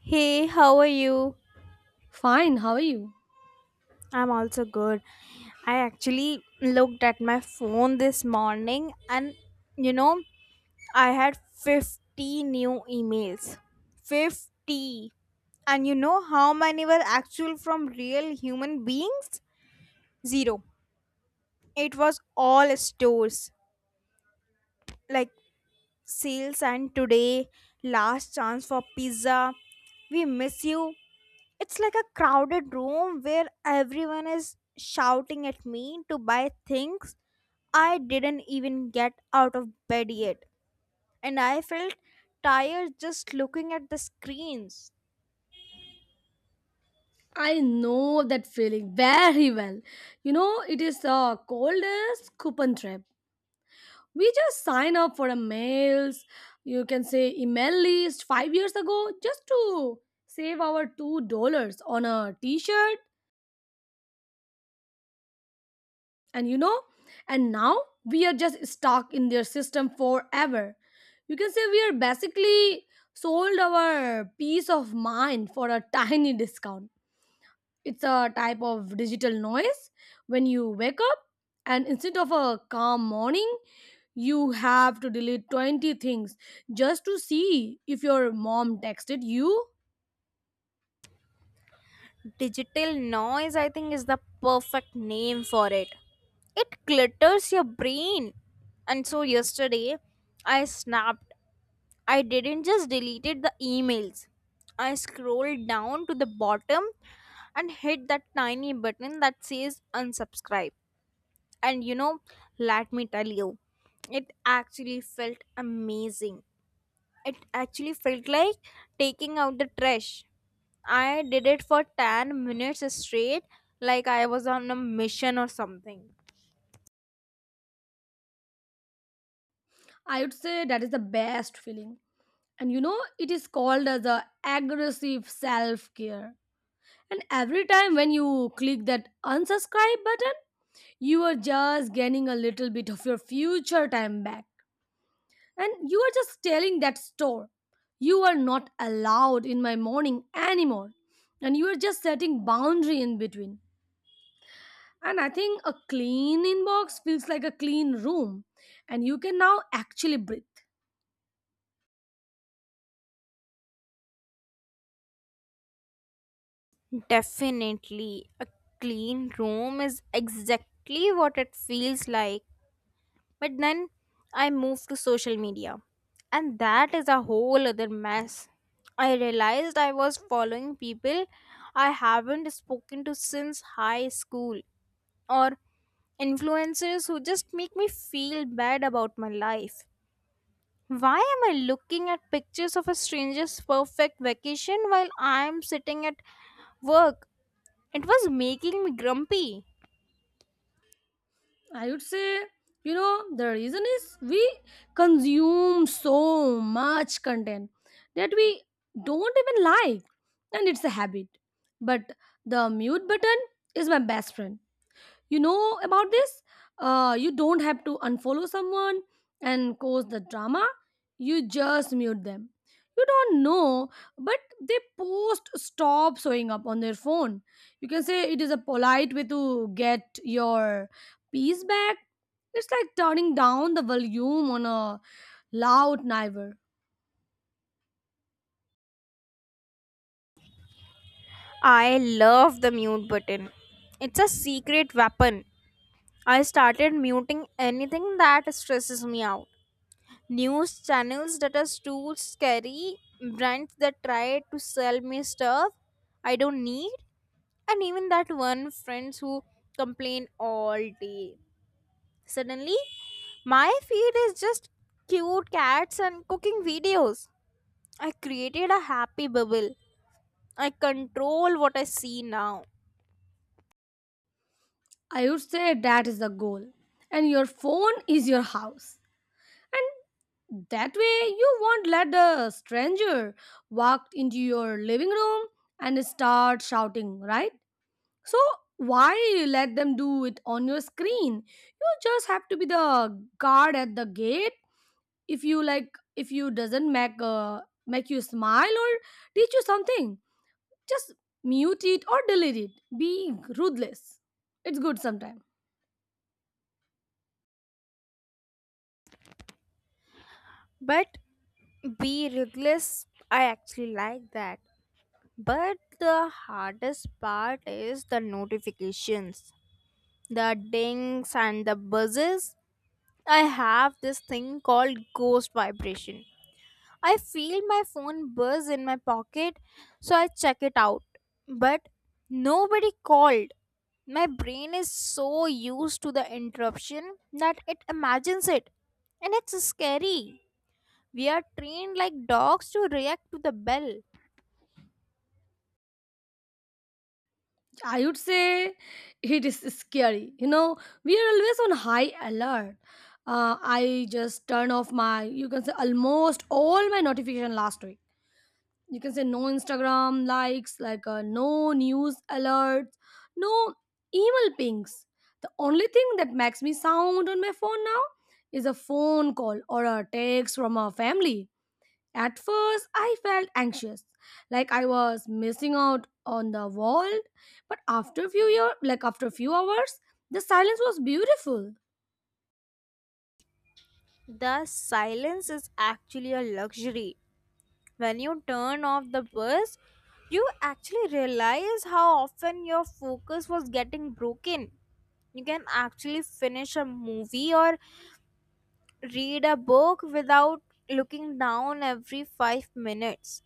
Hey, how are you? Fine, how are you? I'm also good. I actually looked at my phone this morning and you know, I had 50 new emails. 50. And you know how many were actual from real human beings? Zero. It was all stores like sales and today, last chance for pizza. We miss you. It's like a crowded room where everyone is shouting at me to buy things I didn't even get out of bed yet. And I felt tired just looking at the screens. I know that feeling very well. You know, it is the coldest coupon trip. We just sign up for a mails, you can say email list 5 years ago just to save our $2 on a t-shirt and you know, and now we are just stuck in their system forever. You can say we are basically sold our peace of mind for a tiny discount. It's a type of digital noise. When you wake up, and instead of a calm morning, you have to delete 20 things just to see if your mom texted you. Digital noise, I think, is the perfect name for it. It clutters your brain. And so yesterday, I snapped. I didn't just deleted the emails. I scrolled down to the bottom and hit that tiny button that says unsubscribe. And you know, let me tell you, it actually felt amazing. It actually felt like taking out the trash. I did it for 10 minutes straight, like I was on a mission or something. I would say that is the best feeling. And you know, it is called as a aggressive self-care. And every time when you click that unsubscribe button, you are just gaining a little bit of your future time back. And you are just telling that store, you are not allowed in my morning anymore. And you are just setting boundary in between. And I think a clean inbox feels like a clean room. And you can now actually breathe. Definitely, a clean room is exactly what it feels like. But then I moved to social media, and that is a whole other mess. I realized I was following people I haven't spoken to since high school or influencers who just make me feel bad about my life. Why am I looking at pictures of a stranger's perfect vacation while I'm sitting at work? It was making me grumpy. I would say, you know, the reason is we consume so much content that we don't even like. And it's a habit. But the mute button is my best friend, you know about this, you don't have to unfollow someone and cause the drama, you just mute them. You don't know, but they post stop showing up on their phone. You can say it is a polite way to get your peace back. It's like turning down the volume on a loud neighbor. I love the mute button. It's a secret weapon. I started muting anything that stresses me out. News channels that are too scary, brands that try to sell me stuff I don't need, and even that one friends who complain all day. Suddenly, my feed is just cute cats and cooking videos. I created a happy bubble. I control what I see now. I would say that is the goal, and your phone is your house. And that way, you won't let a stranger walk into your living room and start shouting, right? So, why let them do it on your screen? You just have to be the guard at the gate. If you like, if you doesn't make make you smile or teach you something, just mute it or delete it. Be ruthless. It's good sometimes. But be ruthless, I actually like that. But the hardest part is the notifications, the dings and the buzzes. I have this thing called ghost vibration. I feel my phone buzz in my pocket, so I check it out. But nobody called. My brain is so used to the interruption that it imagines it. And it's scary. We are trained like dogs to react to the bell. I would say it is scary. You know, we are always on high alert. I just turned off my, you can say, almost all my notification last week. You can say no Instagram likes, like no news alerts, no email pings. The only thing that makes me sound on my phone now is a phone call or a text from a family. At first, I felt anxious, like I was missing out on the world. But after a few years, like after a few hours, the silence was beautiful. The silence is actually a luxury. When you turn off the bus, you actually realize how often your focus was getting broken. You can actually finish a movie or read a book without looking down every 5 minutes.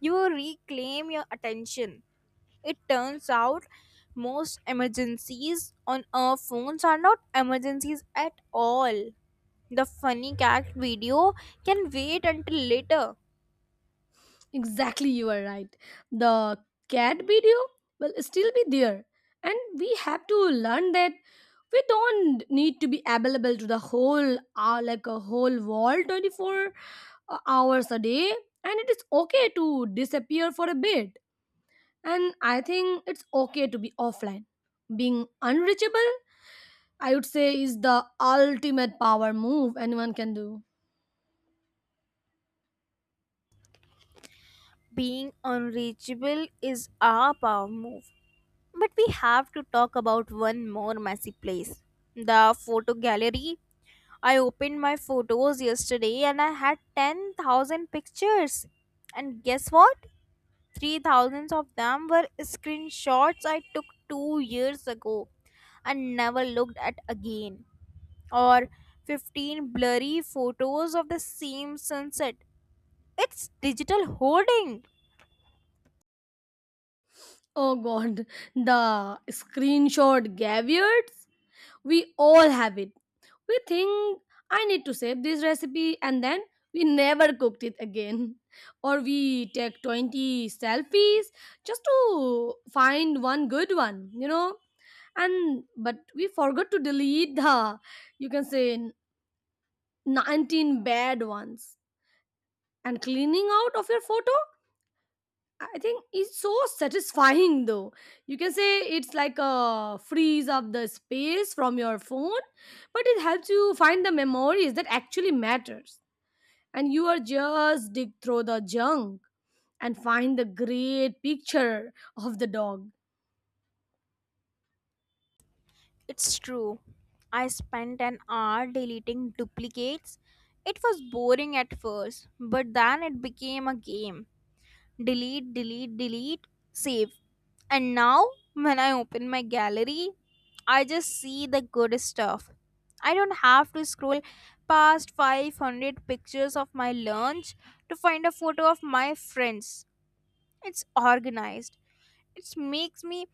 You reclaim your attention. It turns out most emergencies on our phones are not emergencies at all. The funny cat video can wait until later. Exactly, you are right. The cat video will still be there, and we have to learn that we don't need to be available to the whole, like a whole world, 24 hours a day, and it is okay to disappear for a bit. And I think it's okay to be offline. Being unreachable, I would say, is the ultimate power move anyone can do. Being unreachable is our power move. But we have to talk about one more messy place, the photo gallery. I opened my photos yesterday and I had 10,000 pictures. And guess what? Three thousands of them were screenshots I took 2 years ago and never looked at again. Or 15 blurry photos of the same sunset. It's digital hoarding. Oh god, the screenshot caveats. We all have it. We think I need to save this recipe and then we never cooked it again. Or we take 20 selfies just to find one good one, you know? And but we forgot to delete the, you can say, 19 bad ones. And cleaning out of your photo, I think is so satisfying though. You can say it's like a freeze of the space from your phone, but it helps you find the memories that actually matters. And you are just dig through the junk and find the great picture of the dog. It's true. I spent an hour deleting duplicates. It was boring at first, but then it became a game. Delete, delete, delete, save. And now, when I open my gallery, I just see the good stuff. I don't have to scroll past 500 pictures of my lunch to find a photo of my friends. It's organized. It makes me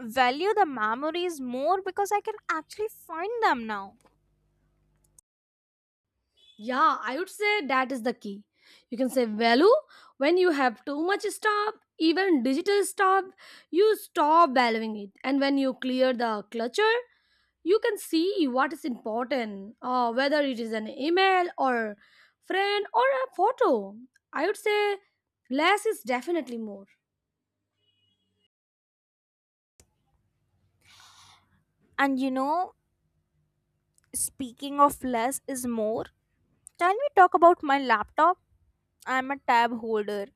value the memories more because I can actually find them now. Yeah, I would say that is the key. You can say value when you have too much stuff, even digital stuff, you stop valuing it. And when you clear the clutter, you can see what is important, whether it is an email or friend or a photo. I would say less is definitely more. And you know, speaking of less is more, can we talk about my laptop? I'm a tab holder.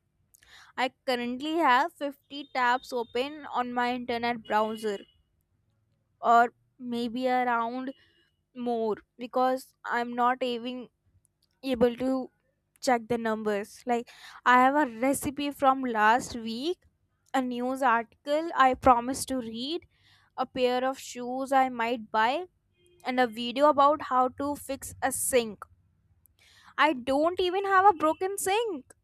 I currently have 50 tabs open on my internet browser, or maybe around more because I'm not even able to check the numbers. Like, I have a recipe from last week, a news article I promised to read, a pair of shoes I might buy, and a video about how to fix a sink. I don't even have a broken sink.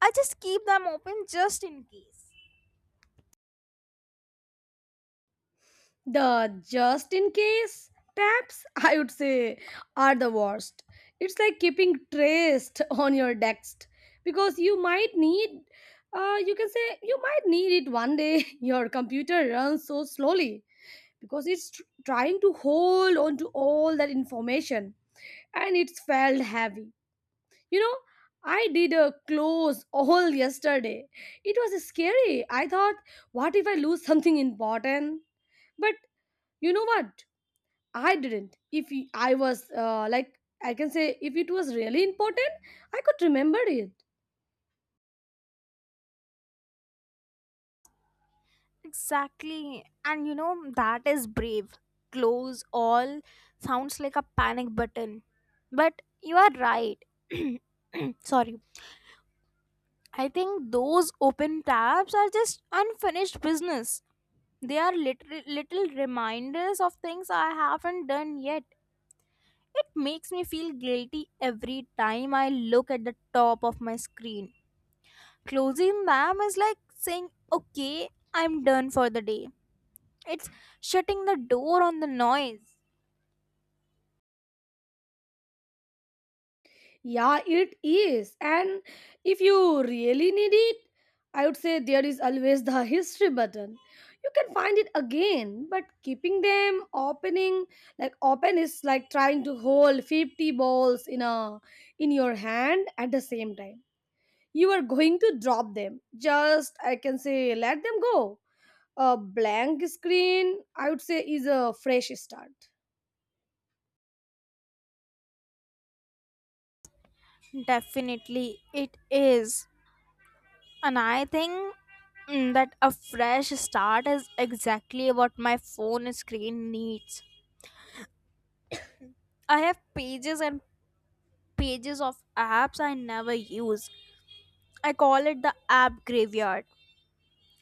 I just keep them open just in case. The just in case tabs, I would say, are the worst. It's like keeping trace on your text because you might need, you can say, you might need it one day. Your computer runs so slowly because it's trying to hold on to all that information and it's felt heavy. You know, I did a close all yesterday. It was scary. I thought, what if I lose something important? But you know what? I didn't. If I was like, I can say, if it was really important, I could remember it. Exactly. And you know, that is brave. Close all sounds like a panic button. But you are right. Sorry. I think those open tabs are just unfinished business. They are little reminders of things I haven't done yet. It makes me feel guilty every time I look at the top of my screen. Closing them is like saying, okay, I'm done for the day. It's shutting the door on the noise. Yeah, it is. And if you really need it, I would say there is always the history button. You can find it again, but keeping them opening like open is like trying to hold 50 balls in a in your hand at the same time. You are going to drop them. Just I can say let them go. A blank screen, I would say, is a fresh start. Definitely, it is. And I think that a fresh start is exactly what my phone screen needs. I have pages and pages of apps I never use. I call it the app graveyard.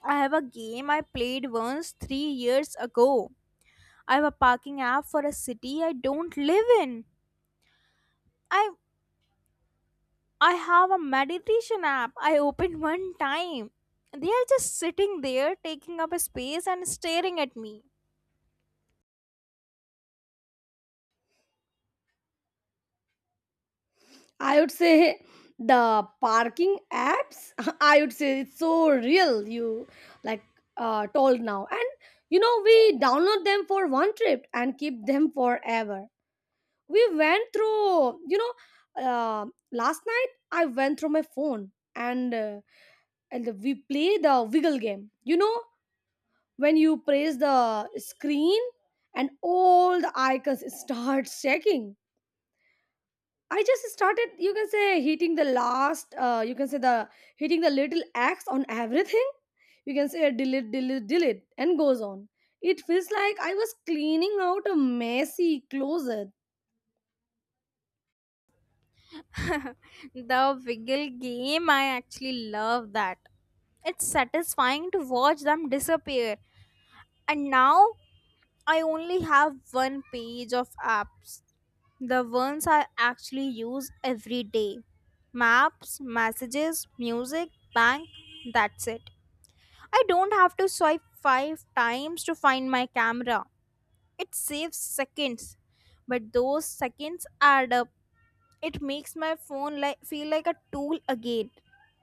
I have a game I played once 3 years ago. I have a parking app for a city I don't live in. I I have a meditation app. I opened one time. They are just sitting there, taking up a space and staring at me. I would say the parking apps I would say it's so real. You like, told now. And you know we download them for one trip and keep them forever. We went through, you know, uh, last night I went through my phone and we play the wiggle game, you know, when you press the screen and all the icons start shaking. I just started, you can say, hitting the last, you can say the hitting the little X on everything. You can say delete, delete, delete, and goes on. It feels like I was cleaning out a messy closet. The wiggle game, I actually love that. It's satisfying to watch them disappear. And now I only have one page of apps. The ones I actually use every day, maps, messages, music, bank, that's it. I don't have to swipe five times to find my camera. It saves seconds, but those seconds add up. It makes my phone like feel like a tool again,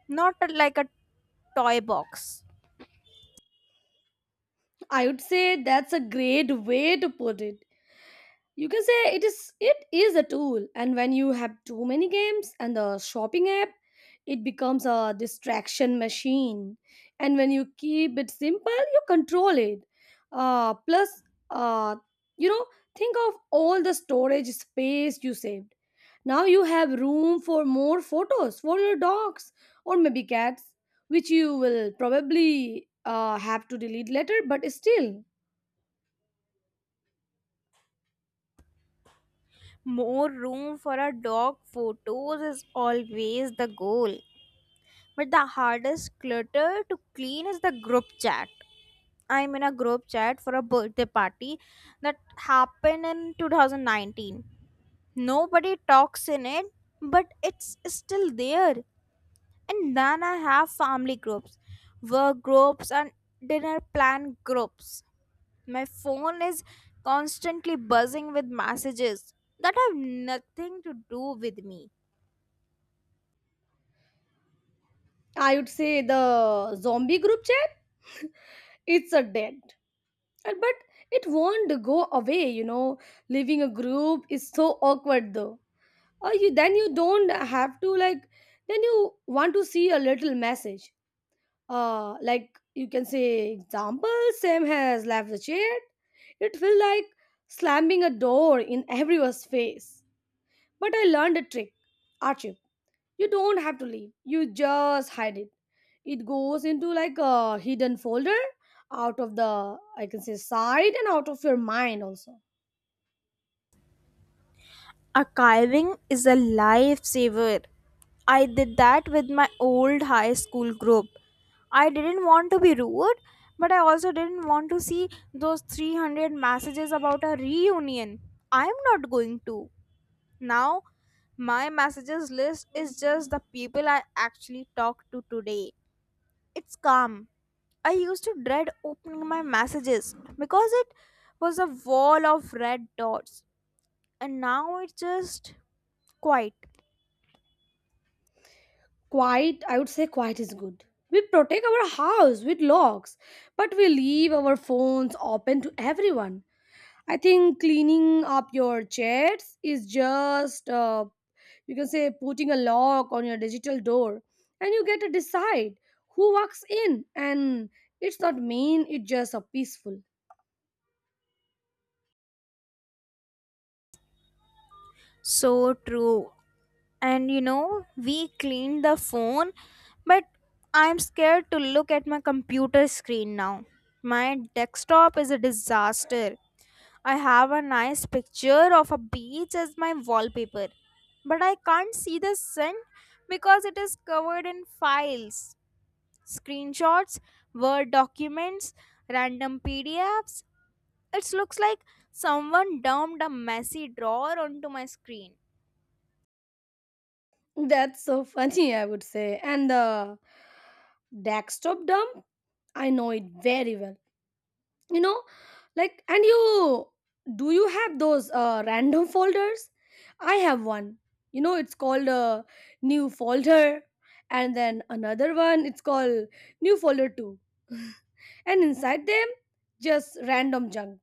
not like a toy box. I would say that's a great way to put it. You can say it is, it is a tool, and when you have too many games and the shopping app it becomes a distraction machine. And when you keep it simple you control it. Plus uh, you know, think of all the storage space you saved. Now you have room for more photos for your dogs, or maybe cats, which you will probably have to delete later, but still. More room for our dog photos is always the goal. But the hardest clutter to clean is the group chat. I'm in a group chat for a birthday party that happened in 2019. Nobody talks in it, but it's still there. And then I have family groups, work groups, and dinner plan groups. My phone is constantly buzzing with messages that have nothing to do with me. I would say the zombie group chat. It's a dead. But it won't go away, you know. Leaving a group is so awkward though. Or you then you don't have to, like, then you want to see a little message. Like you can say example, Sam has left the chat. It felt like slamming a door in everyone's face. But I learned a trick, Archie, you don't have to leave, you just hide it. It goes into like a hidden folder, out of the, I can say, side, and out of your mind also. Archiving is a lifesaver. I did that with my old high school group. I didn't want to be rude, but I also didn't want to see those 300 messages about a reunion I'm not going to. Now, my messages list is just the people I actually talked to today. It's calm. I used to dread opening my messages because it was a wall of red dots, and now it's just quiet. Quiet, I would say quiet is good. We protect our house with locks, but we leave our phones open to everyone. I think cleaning up your chats is just, you can say, putting a lock on your digital door. And you get to decide who walks in. And it's not mean, it's just a peaceful. So true. And you know, we cleaned the phone, but I'm scared to look at my computer screen now. My desktop is a disaster. I have a nice picture of a beach as my wallpaper, but I can't see the sun because it is covered in files, screenshots, word documents, random pdfs. It looks like someone dumped a messy drawer onto my screen. That's so funny, I would say. And the desktop dump, I know it very well. You know, like, and you do you have those random folders? I have one. You know, it's called a new folder, and then another one. It's called new folder two, and inside them, just random junk.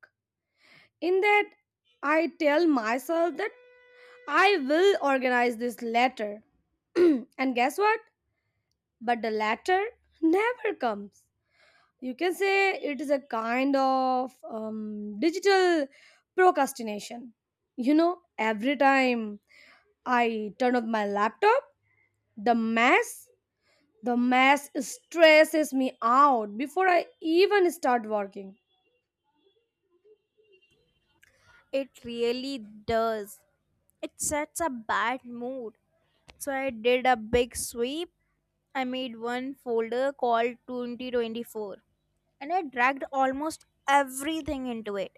In that, I tell myself that I will organize this later. And guess what? But the latter never comes. You can say it is a kind of digital procrastination. You know, every time I turn off my laptop, the mess, the mess stresses me out before I even start working. It really does. It sets a bad mood. So I did a big sweep. I made one folder called 2024 and I dragged almost everything into it.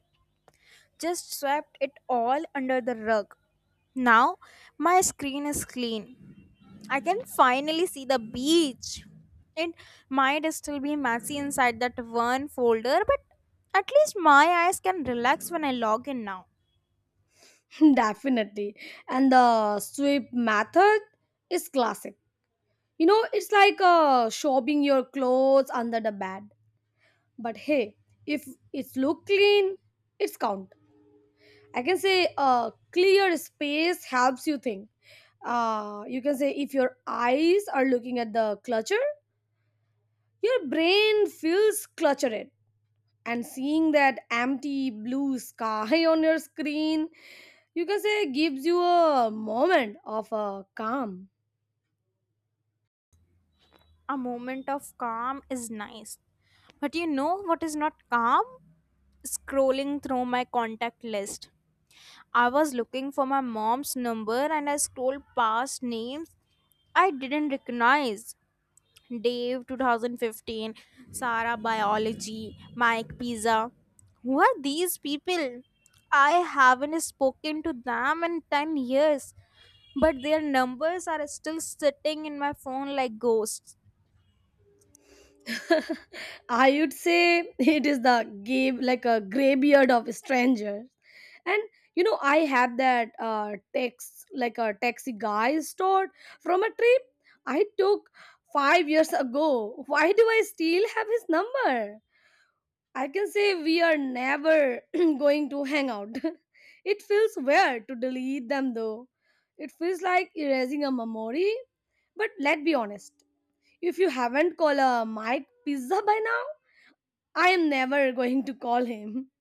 Just swept it all under the rug. Now my screen is clean. I can finally see the beach. It might still be messy inside that one folder, but at least my eyes can relax when I log in now. Definitely. And the sweep method is classic. You know, it's like shopping your clothes under the bed. But hey, if it's look clean, it's count. I can say clear space helps you think. You can say if your eyes are looking at the clutter, your brain feels cluttered. And seeing that empty blue sky on your screen, you can say gives you a moment of calm. A moment of calm is nice. But you know what is not calm? Scrolling through my contact list. I was looking for my mom's number and I scrolled past names I didn't recognize. Dave 2015, Sarah Biology, Mike Pizza. Who are these people? I haven't spoken to them in 10 years, but their numbers are still sitting in my phone like ghosts. I would say it is the gay, like a graybeard of strangers. And you know, I had that text, like a taxi guy stored from a trip I took 5 years ago. Why do I still have his number? I can say we are never going to hang out. It feels weird to delete them though. It feels like erasing a memory. But let's be honest. If you haven't called a Mike pizza by now, I am never going to call him.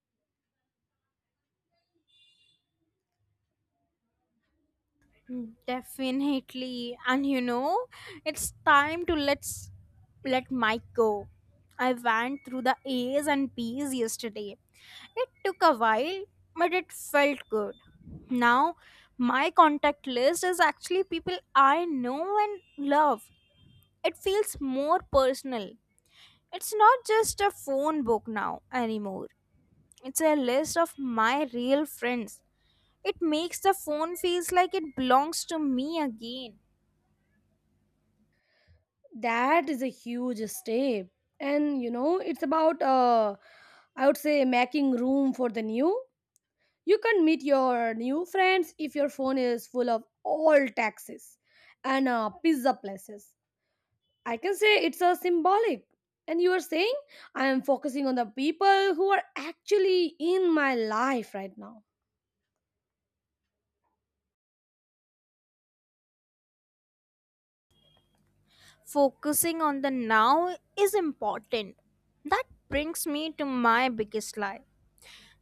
Mm, definitely. And you know, it's time to let Mike go. I went through the A's and B's yesterday. It took a while, but it felt good. Now, my contact list is actually people I know and love. It feels more personal. It's not just a phone book now anymore. It's a list of my real friends. It makes the phone feels like it belongs to me again. That is a huge step. And you know, it's about I would say making room for the new. You can meet your new friends if your phone is full of all taxes and pizza places. I can say it's a symbolic. And you are saying I am focusing on the people who are actually in my life right now. Focusing on the now is important. That brings me to my biggest lie,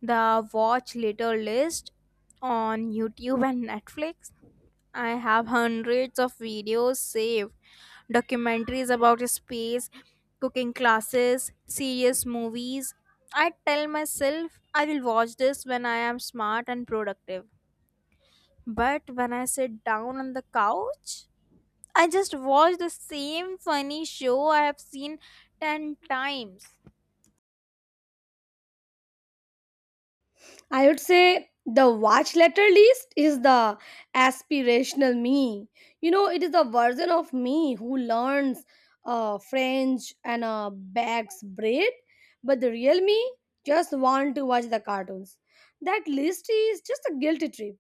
the watch later list on YouTube and Netflix. I have hundreds of videos saved, documentaries about space, cooking classes, serious movies. I tell myself I will watch this when I am smart and productive. But when I sit down on the couch, I just watched the same funny show I have seen 10 times. I would say the watch letter list is the aspirational me. You know, it is the version of me who learns French and bakes bread, but the real me just want to watch the cartoons. That list is just a guilty trip.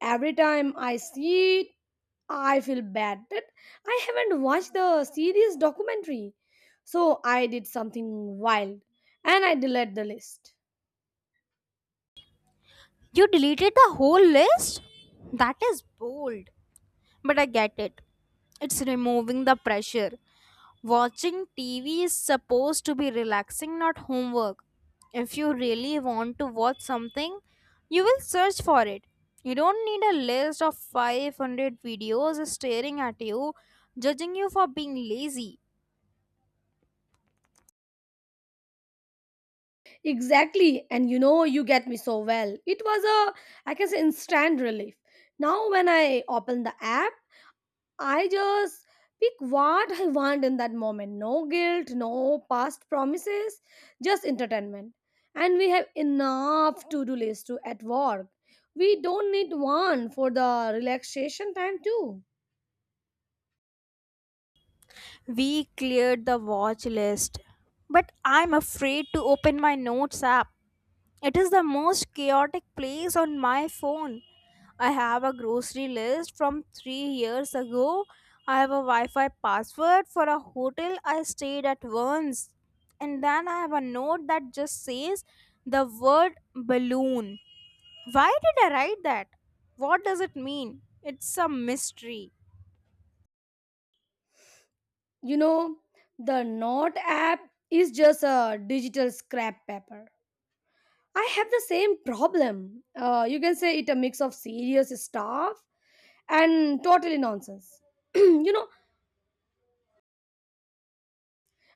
Every time I see it, I feel bad that I haven't watched the series documentary. So I did something wild, and I delete the list. You deleted the whole list? That is bold. But I get it. It's removing the pressure. Watching TV is supposed to be relaxing, not homework. If you really want to watch something, you will search for it. You don't need a list of 500 videos staring at you, judging you for being lazy. Exactly. And you know, you get me so well. It was a, I can say, instant relief. Now, when I open the app, I just pick what I want in that moment. No guilt, no past promises, just entertainment. And we have enough to do list to at work. We don't need one for the relaxation time, too. We cleared the watch list, but I'm afraid to open my notes app. It is the most chaotic place on my phone. I have a grocery list from 3 years ago. I have a Wi Fi password for a hotel I stayed at once. And then I have a note that just says the word balloon. Why did I write that? What does it mean? It's a mystery. You know, the Note app is just a digital scrap paper. I have the same problem. You can say it a mix of serious stuff and totally nonsense. You know,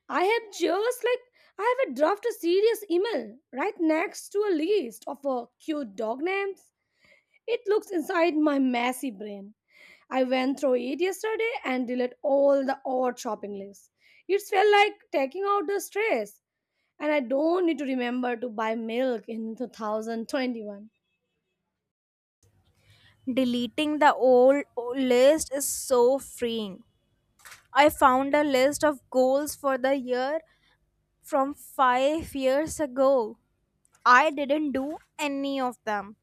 I have just like I have a draft a serious email right next to a list of cute dog names. It looks inside my messy brain. I went through it yesterday and deleted all the odd shopping lists. It felt like taking out the stress, and I don't need to remember to buy milk in 2021. Deleting the old list is so freeing. I found a list of goals for the year from 5 years ago. I didn't do any of them.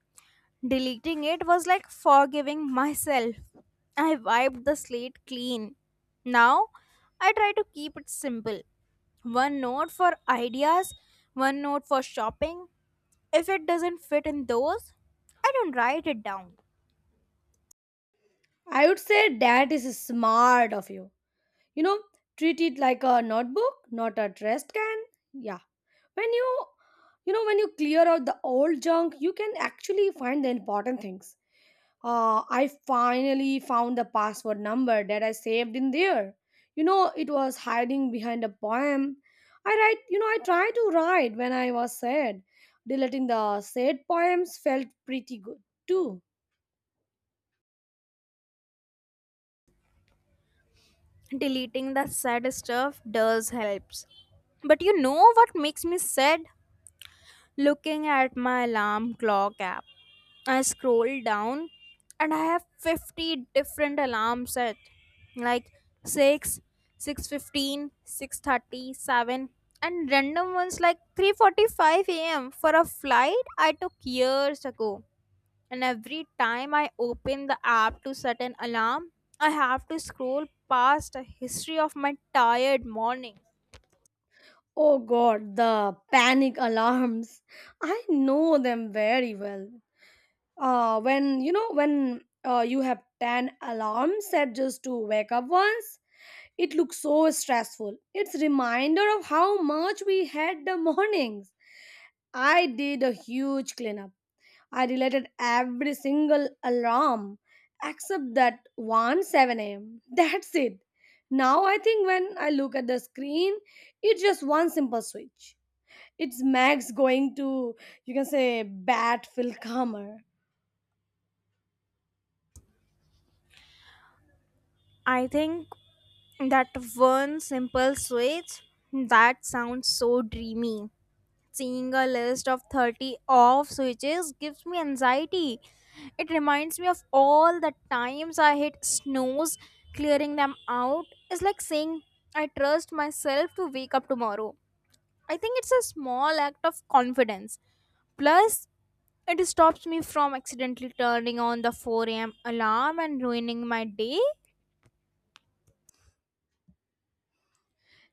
Deleting it was like forgiving myself. I wiped the slate clean. Now, I try to keep it simple. One note for ideas, one note for shopping. If it doesn't fit in those, I don't write it down. I would say that is smart of you. You know, treat it like a notebook, not a trash can. Yeah. When you know when you clear out the old junk, you can actually find the important things. I finally found the password number that I saved in there. You know, it was hiding behind a poem. I write, you know, I try to write when I was sad. Deleting the sad poems felt pretty good too. Deleting the sad stuff does helps. But you know what makes me sad? Looking at my alarm clock app. I scroll down and I have 50 different alarms set. Like 6:00, 6:15, 6:30, 7:00, and random ones like 3:45 a.m. for a flight I took years ago, and every time I open the app to set an alarm, I have to scroll past a history of my tired morning. Oh god, the panic alarms. I know them very well. When you know when you have 10 alarms set just to wake up once, it looks so stressful. It's reminder of how much we had the mornings. I did a huge cleanup. I deleted every single alarm except that one 7 a.m. That's it. Now I think when I look at the screen, it's just one simple switch. It's Max going to, you can say, bat Phil Calmer. I think that one simple switch, that sounds so dreamy. Seeing a list of 30 off switches gives me anxiety. It reminds me of all the times I hit snooze. Clearing them out is like saying I trust myself to wake up tomorrow. I think it's a small act of confidence. Plus, it stops me from accidentally turning on the 4 a.m. alarm and ruining my day.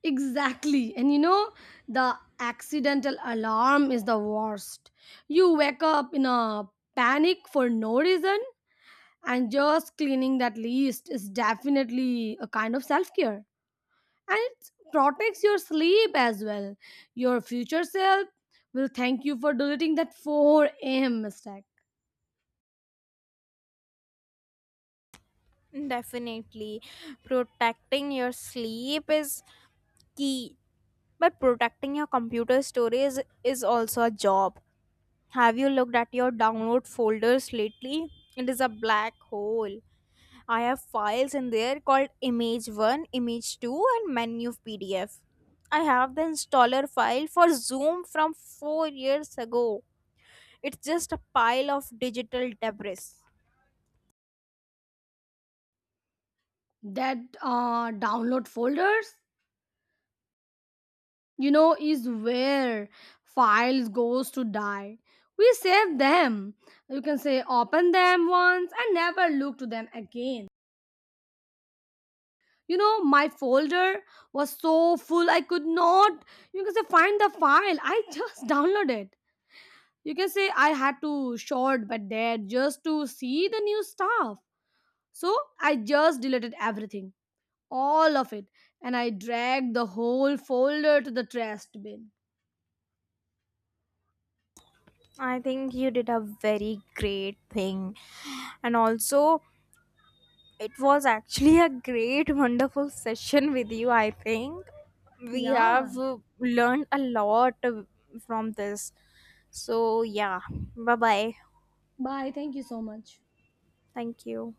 Exactly. And you know, the accidental alarm is the worst. You wake up in a panic for no reason, and just cleaning that list is definitely a kind of self care. And it protects your sleep as well. Your future self will thank you for deleting that 4 a.m. mistake. Definitely. Protecting your sleep is key, but protecting your computer storage is also a job. Have you looked at your download folders lately? It is a black hole. I have files in there called image 1, image 2, and menu PDF. I have the installer file for Zoom from 4 years ago. It's just a pile of digital debris. That download folders, you know, is where files goes to die. We save them, you can say, open them once and never look to them again. You know, my folder was so full I could not, you can say, find the file I just downloaded. You can say I had to short but there just to see the new stuff. So I just deleted everything, all of it, and I dragged the whole folder to the trash bin. I think you did a very great thing. And also, it was actually a great, wonderful session with you, I think. We have Yeah, learned a lot from this. So, yeah, bye bye. bye, thank you so much. Thank you.